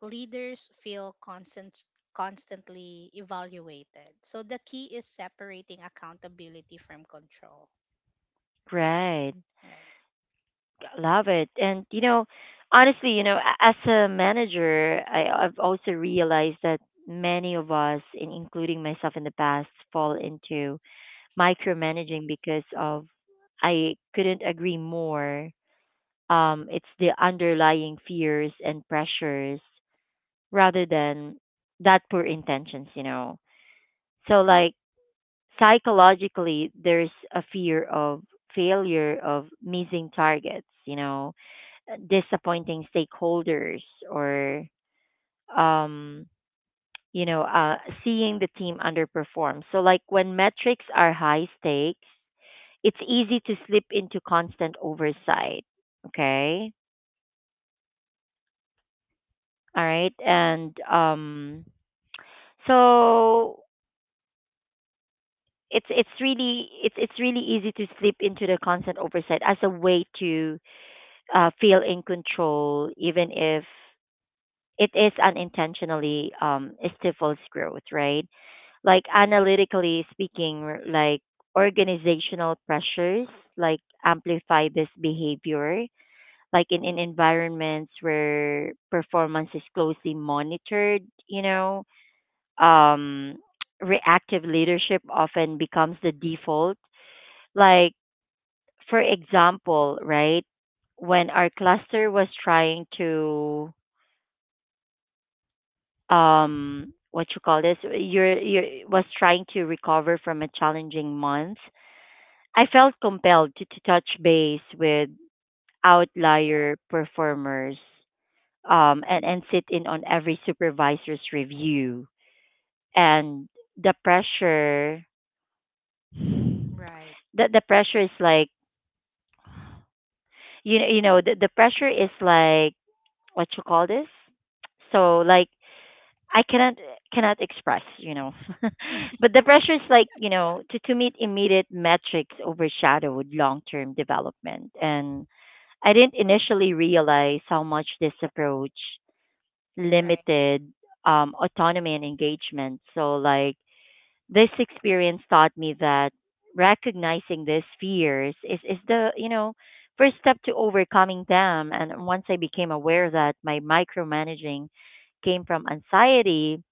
B: Leaders feel constantly evaluated. So the key is separating accountability from control.
A: Right.
B: Right.
A: Love it. And you know, honestly, you know, as a manager, I've also realized that many of us, in including myself in the past, fall into micromanaging because of, I couldn't agree more. It's the underlying fears and pressures rather than that poor intentions, you know. So like psychologically, there's a fear of failure, of missing targets, you know, disappointing stakeholders, or um you know seeing the team underperform. So like when metrics are high stakes, it's easy to slip into constant oversight. Okay. All right. And so it's really it's really easy to slip into the constant oversight as a way to feel in control even if it is unintentionally, stifles growth, right? Like analytically speaking, like organizational pressures like amplify this behavior, like in environments where performance is closely monitored, you know, um, reactive leadership often becomes the default. Like, for example, right, when our cluster was trying to what you call this, you're you was trying to recover from a challenging month, I felt compelled to touch base with outlier performers, and sit in on every supervisor's review. And the pressure,
B: Right.
A: the pressure is like, you know, the pressure is like, what you call this? So like, I cannot cannot express, you know. [laughs] But the pressure is like, you know, to meet immediate metrics overshadowed long term development. And I didn't initially realize how much this approach
B: Right.
A: limited autonomy and engagement. So, like, this experience taught me that recognizing these fears is the, you know, first step to overcoming them. And once I became aware that my micromanaging came from anxiety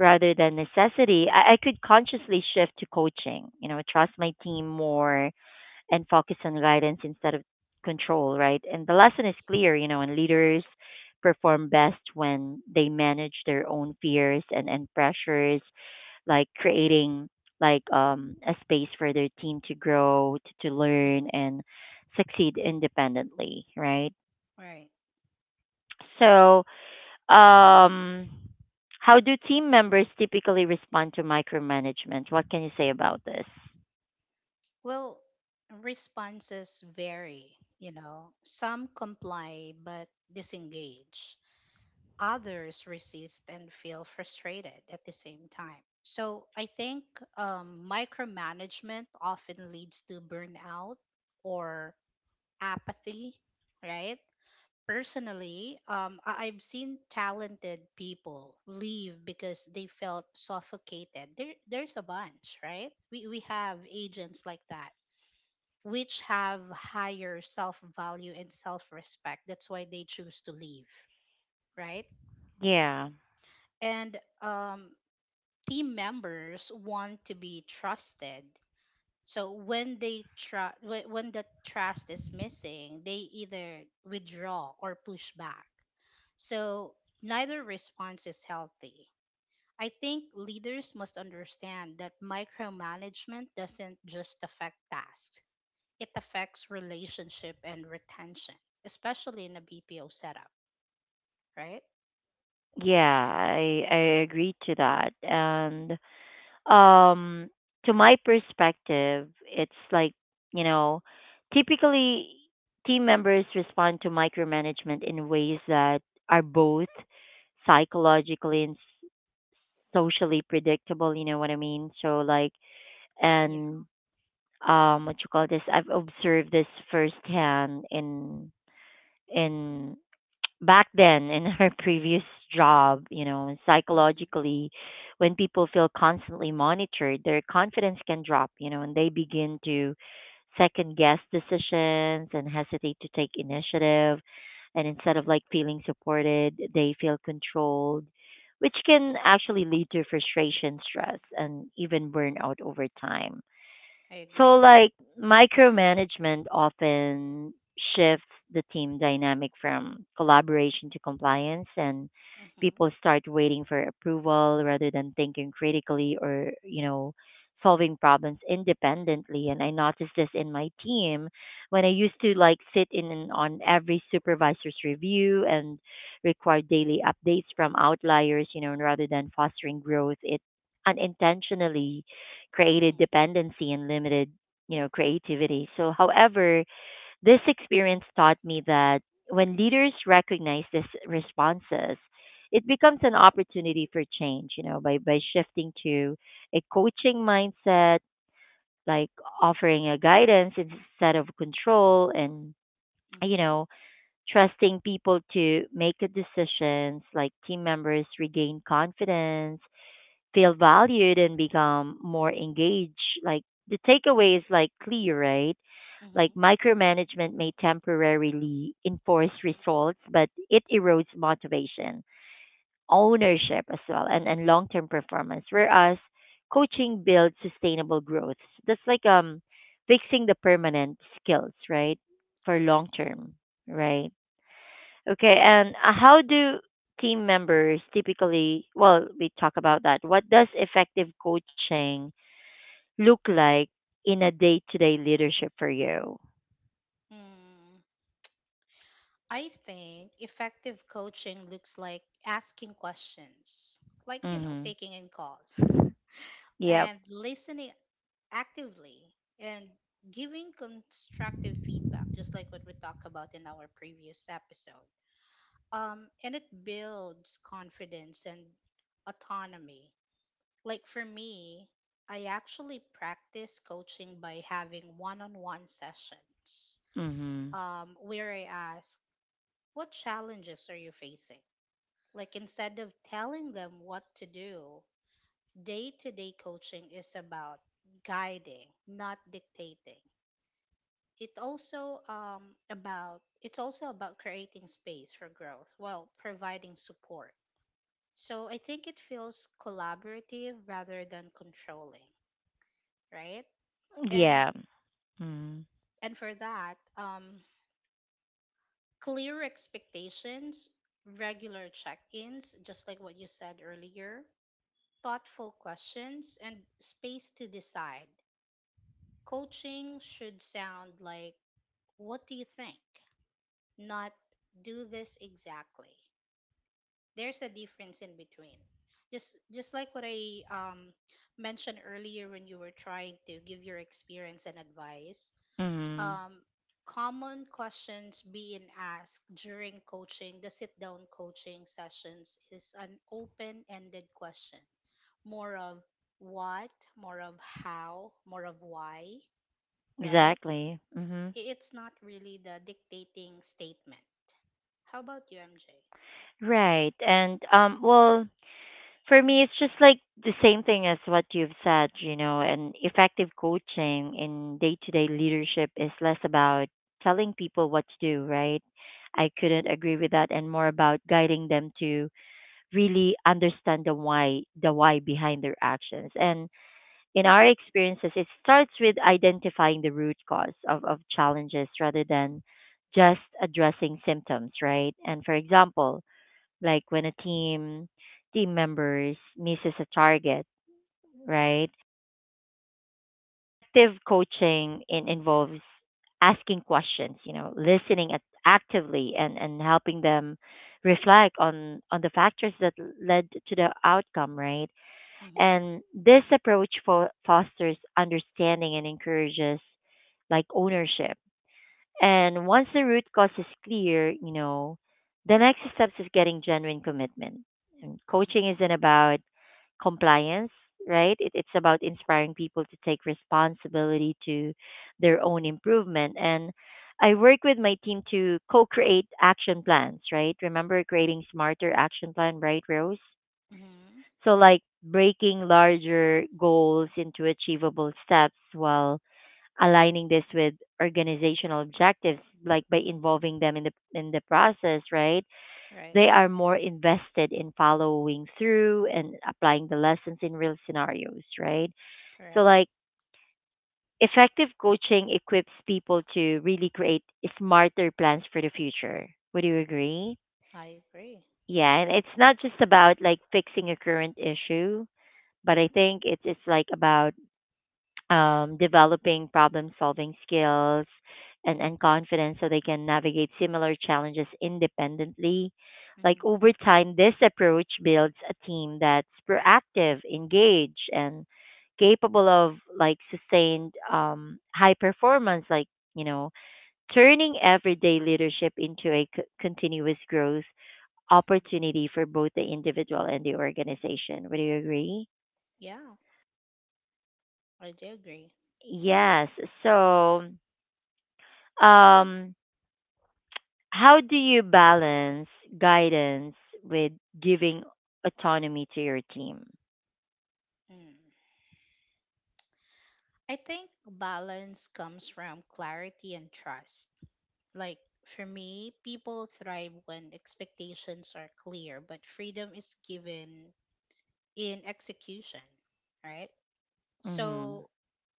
A: rather than necessity, I could consciously shift to coaching, you know, trust my team more and focus on guidance instead of control, right? And the lesson is clear, you know, and leaders perform best when they manage their own fears and pressures, like creating like a space for their team to grow, to
B: Mhm.
A: learn and succeed independently, right?
B: Right.
A: So um how do team members typically respond to micromanagement? What can you say about this?
B: Well, responses vary, you know. Some comply but disengage. Others resist and feel frustrated at the same time. So I think micromanagement often leads to burnout or apathy, right? Personally, I've seen talented people leave because they felt suffocated. There's a bunch, right? We have agents like that which have higher self value and self respect. That's why they choose to leave, right?
A: Yeah.
B: And team members want to be trusted. So when the trust is missing, they either withdraw or push back. So neither response is healthy. I think leaders must understand that micromanagement doesn't just affect tasks, it affects relationship and retention, especially in a BPO setup, right?
A: Yeah, I agree to that. And um to my perspective, it's like, you know, typically team members respond to micromanagement in ways that are both psychologically and socially predictable, you know what I mean? So like
B: Yeah.
A: and what you call this? I've observed this firsthand in back then in [laughs] her previous job, you know.
B: Mm-hmm.
A: Psychologically, when people feel constantly monitored, their confidence can drop, you know, and they begin to second guess decisions and hesitate to take initiative. And instead of like feeling supported, they feel controlled, which can actually lead to frustration, stress, and even burnout over time.
B: I
A: So
B: agree.
A: like micromanagement often shifts the team dynamic from collaboration to compliance, and
B: Mm-hmm.
A: people start waiting for approval rather than thinking critically or, you know, solving problems independently. And I noticed this in my team when I used to like sit in and on every supervisor's review and require daily updates from outliers, you know, and rather than fostering growth, it unintentionally
B: Mm-hmm.
A: created dependency and limited, you know, creativity. So, however, this experience taught me that when leaders recognize these responses, it becomes an opportunity for change, you know, by shifting to a coaching mindset, like offering a guidance instead of control and, you
B: Mm-hmm.
A: know, trusting people to make a decisions like team members regain confidence, feel valued and become more engaged. Like the takeaway is like clear, right? Like
B: Mm-hmm.
A: micromanagement may temporarily enforce results, but it erodes motivation, ownership as well, and long term performance. Whereas coaching builds sustainable growth. That's like fixing the permanent skills, right? For long
B: Correct.
A: term, right? Okay, and how do team members typically, well, we talk about that. What does effective coaching look like in a day to day leadership for you?
B: Mm, I think effective coaching looks like asking questions, like, you know,
A: Mm-hmm.
B: taking in calls [laughs]
A: Yep.
B: and listening actively and giving constructive feedback, just like what we talked about in our previous episode. Um, and it builds confidence and autonomy. Like for me, I actually practice coaching by having one on one sessions
A: Mm-hmm.
B: where I ask, "What challenges are you facing?" Like instead of telling them what to do, day to day coaching is about guiding, not dictating. It also um, it's also about creating space for growth while providing support. So I think it feels collaborative rather than controlling, right? And
A: Yeah. Mm-hmm.
B: and for that, clear expectations, regular check-ins, just like what you said earlier, thoughtful questions, and space to decide. Coaching should sound like, "What do you think?" Not do this exactly. There's a difference in between, just like what I mentioned earlier when you were trying to give your experience and advice,
A: Mm-hmm.
B: um common questions being asked during coaching the sit down coaching sessions is an open ended question, more of what, more of how, more of why, right?
A: Exactly. Mm-hmm.
B: It's not really the dictating statement. How about you, MJ?
A: Right. And, well, for me, it's just like the same thing as what you've said, you know, and effective coaching in day to day leadership is less about telling people what to do, right? I couldn't agree with that, and more about guiding them to really understand the why behind their actions. And in our experiences, it starts with identifying the root cause of challenges rather than just addressing symptoms, right? And for example, like when a team members misses a target, right? Effective coaching
B: Yeah.
A: involves asking questions, you know, listening at, actively and helping them reflect on the factors that led to the outcome, right?
B: Mm-hmm.
A: And this approach fosters understanding and encourages like ownership. And once the root cause is clear, you know, the next steps is getting genuine commitment. And coaching isn't about compliance, right? It's about inspiring people to take responsibility to their own improvement. And I work with my team to co-create action plans, right? Remember creating smarter action plan, right, Rose?
B: Mm-hmm.
A: So like breaking larger goals into achievable steps while aligning this with organizational objectives, like by involving them in the process, right,
B: Right.
A: they are more invested in following through and applying the lessons in real scenarios, right? So
B: Correct.
A: like effective coaching equips people to really create smarter plans for the future, would you agree?
B: I agree.
A: Yeah, and it's not just about like fixing a current issue, but I think it's like about developing problem solving skills and confidence so they can navigate similar challenges independently. Like
B: Mm-hmm.
A: over time, this approach builds a team that's proactive, engaged, and capable of like sustained high performance, like, you know, turning everyday leadership into a continuous growth
B: Mm-hmm.
A: opportunity for both the individual and the organization. Would you agree?
B: Yeah, I do agree.
A: Yes. So, um, how do you balance guidance with giving autonomy to your team?
B: Mm. I think balance comes from clarity and trust. Like, for me, people thrive when expectations are clear, but freedom is given in execution, right?
A: Mm-hmm.
B: So,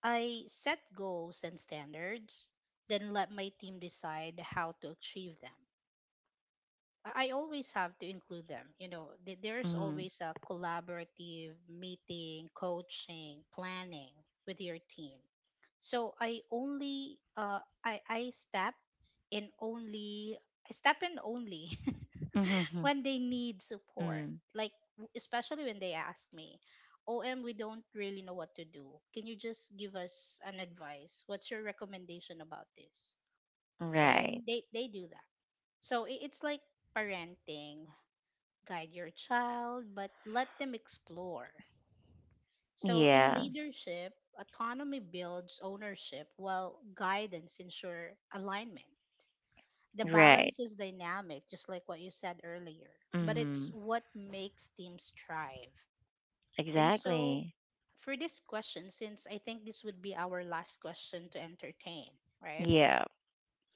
B: I set goals and standards, then let my team decide how to achieve them. I always have to include them. You know, there's
A: Mm-hmm.
B: always a collaborative meeting, coaching, planning with your team. So in only I step in only [laughs]
A: Mm-hmm.
B: when they need support.
A: Mm-hmm.
B: Like especially when they ask me, "OM, we don't really know what to do. Can you just give us an advice? What's your recommendation about this?" Right?
A: Right.
B: They do that. So it's like parenting, guide your child, but let them explore. So, in
A: Yeah.
B: leadership, autonomy builds ownership while guidance ensures alignment. The
A: Right.
B: balance is dynamic, just like what you said earlier, but
A: Mm-hmm.
B: it's what makes teams thrive. And so,
A: Exactly.
B: for this question, since I think this would be our last question to entertain, right?
A: Yeah.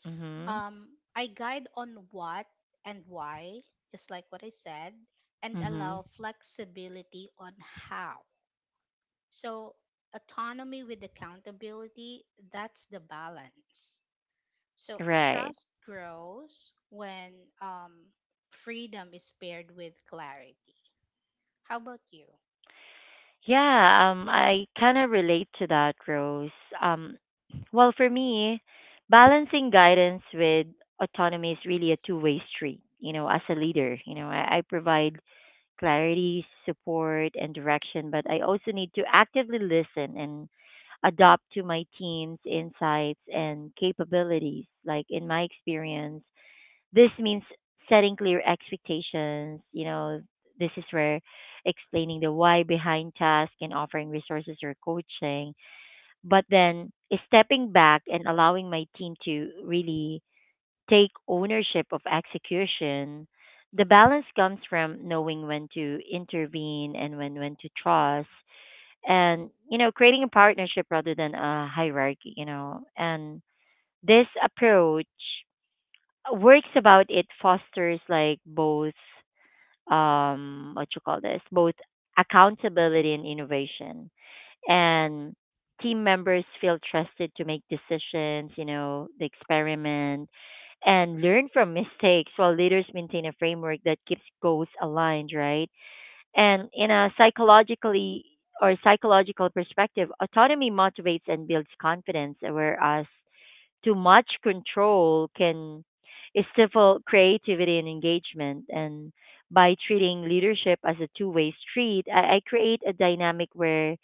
A: Mm-hmm.
B: Um, I guide on what and why, just like what I said, and
A: Mm-hmm.
B: allow flexibility on how. So, autonomy with accountability, that's the balance. So,
A: Right.
B: trust grows when um, freedom is paired with clarity. How about you?
A: Yeah. I kind of relate to that, Rose. Um, well, for me, balancing guidance with autonomy is really a two-way street. You know, as a leader, you know, I provide clarity, support, and direction, but I also need to actively listen and adopt to my team's insights and capabilities. Like in my experience, this means setting clear expectations. You know, this is where explaining the why behind task and offering resources or coaching. But then stepping back and allowing my team to really take ownership of execution. The
B: Mm-hmm.
A: balance comes from knowing when to intervene and when to trust, and you know, creating a partnership rather than a hierarchy, you know. And this approach works about it fosters like both what you call this, both accountability and innovation, and team members feel trusted to make decisions, you know, the experiment and learn from [laughs] mistakes while leaders maintain a framework that keeps goals aligned, right? And in a psychological perspective, autonomy motivates and builds confidence, whereas too much control can stifle creativity and engagement. And by treating leadership as a two-way street, I create a dynamic where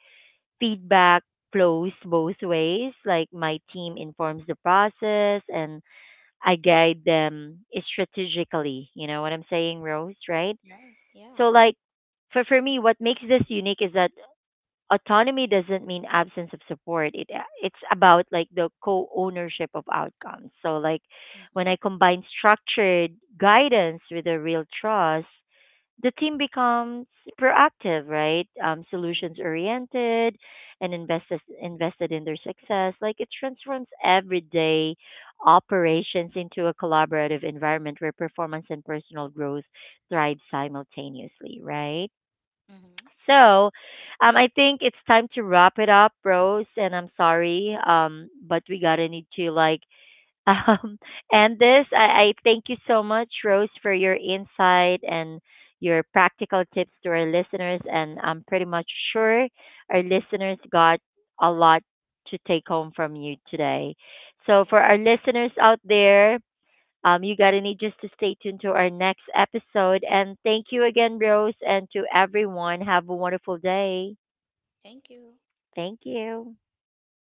A: feedback flows both ways. Like my team informs the process and I guide them strategically. You know what I'm saying, Rose, right?
B: Right. Right. Yeah.
A: So like for me what makes this unique is that autonomy doesn't mean absence of support. It's about like the co-ownership of outcomes. So like when
B: Mm-hmm.
A: I combine structured guidance with a real trust, the team becomes proactive, right?
B: Mm-hmm.
A: Solutions oriented and invested in their success. Like it transforms everyday operations into a collaborative environment where performance and personal growth thrive simultaneously, right?
B: Mm-hmm. Correct.
A: So, I think it's time to wrap it up, Rose. And I'm sorry, but we gotta need to like um, [laughs] and this, I thank you so much, Rose, for your insight and your practical tips to our listeners. And I'm pretty much sure our listeners got a lot to take home from you today. So, for
B: Right.
A: our listeners out there, you got to need just to stay tuned to our next episode. And thank you again, Rose, and to everyone. Have a wonderful day.
B: Thank you.
A: Thank you.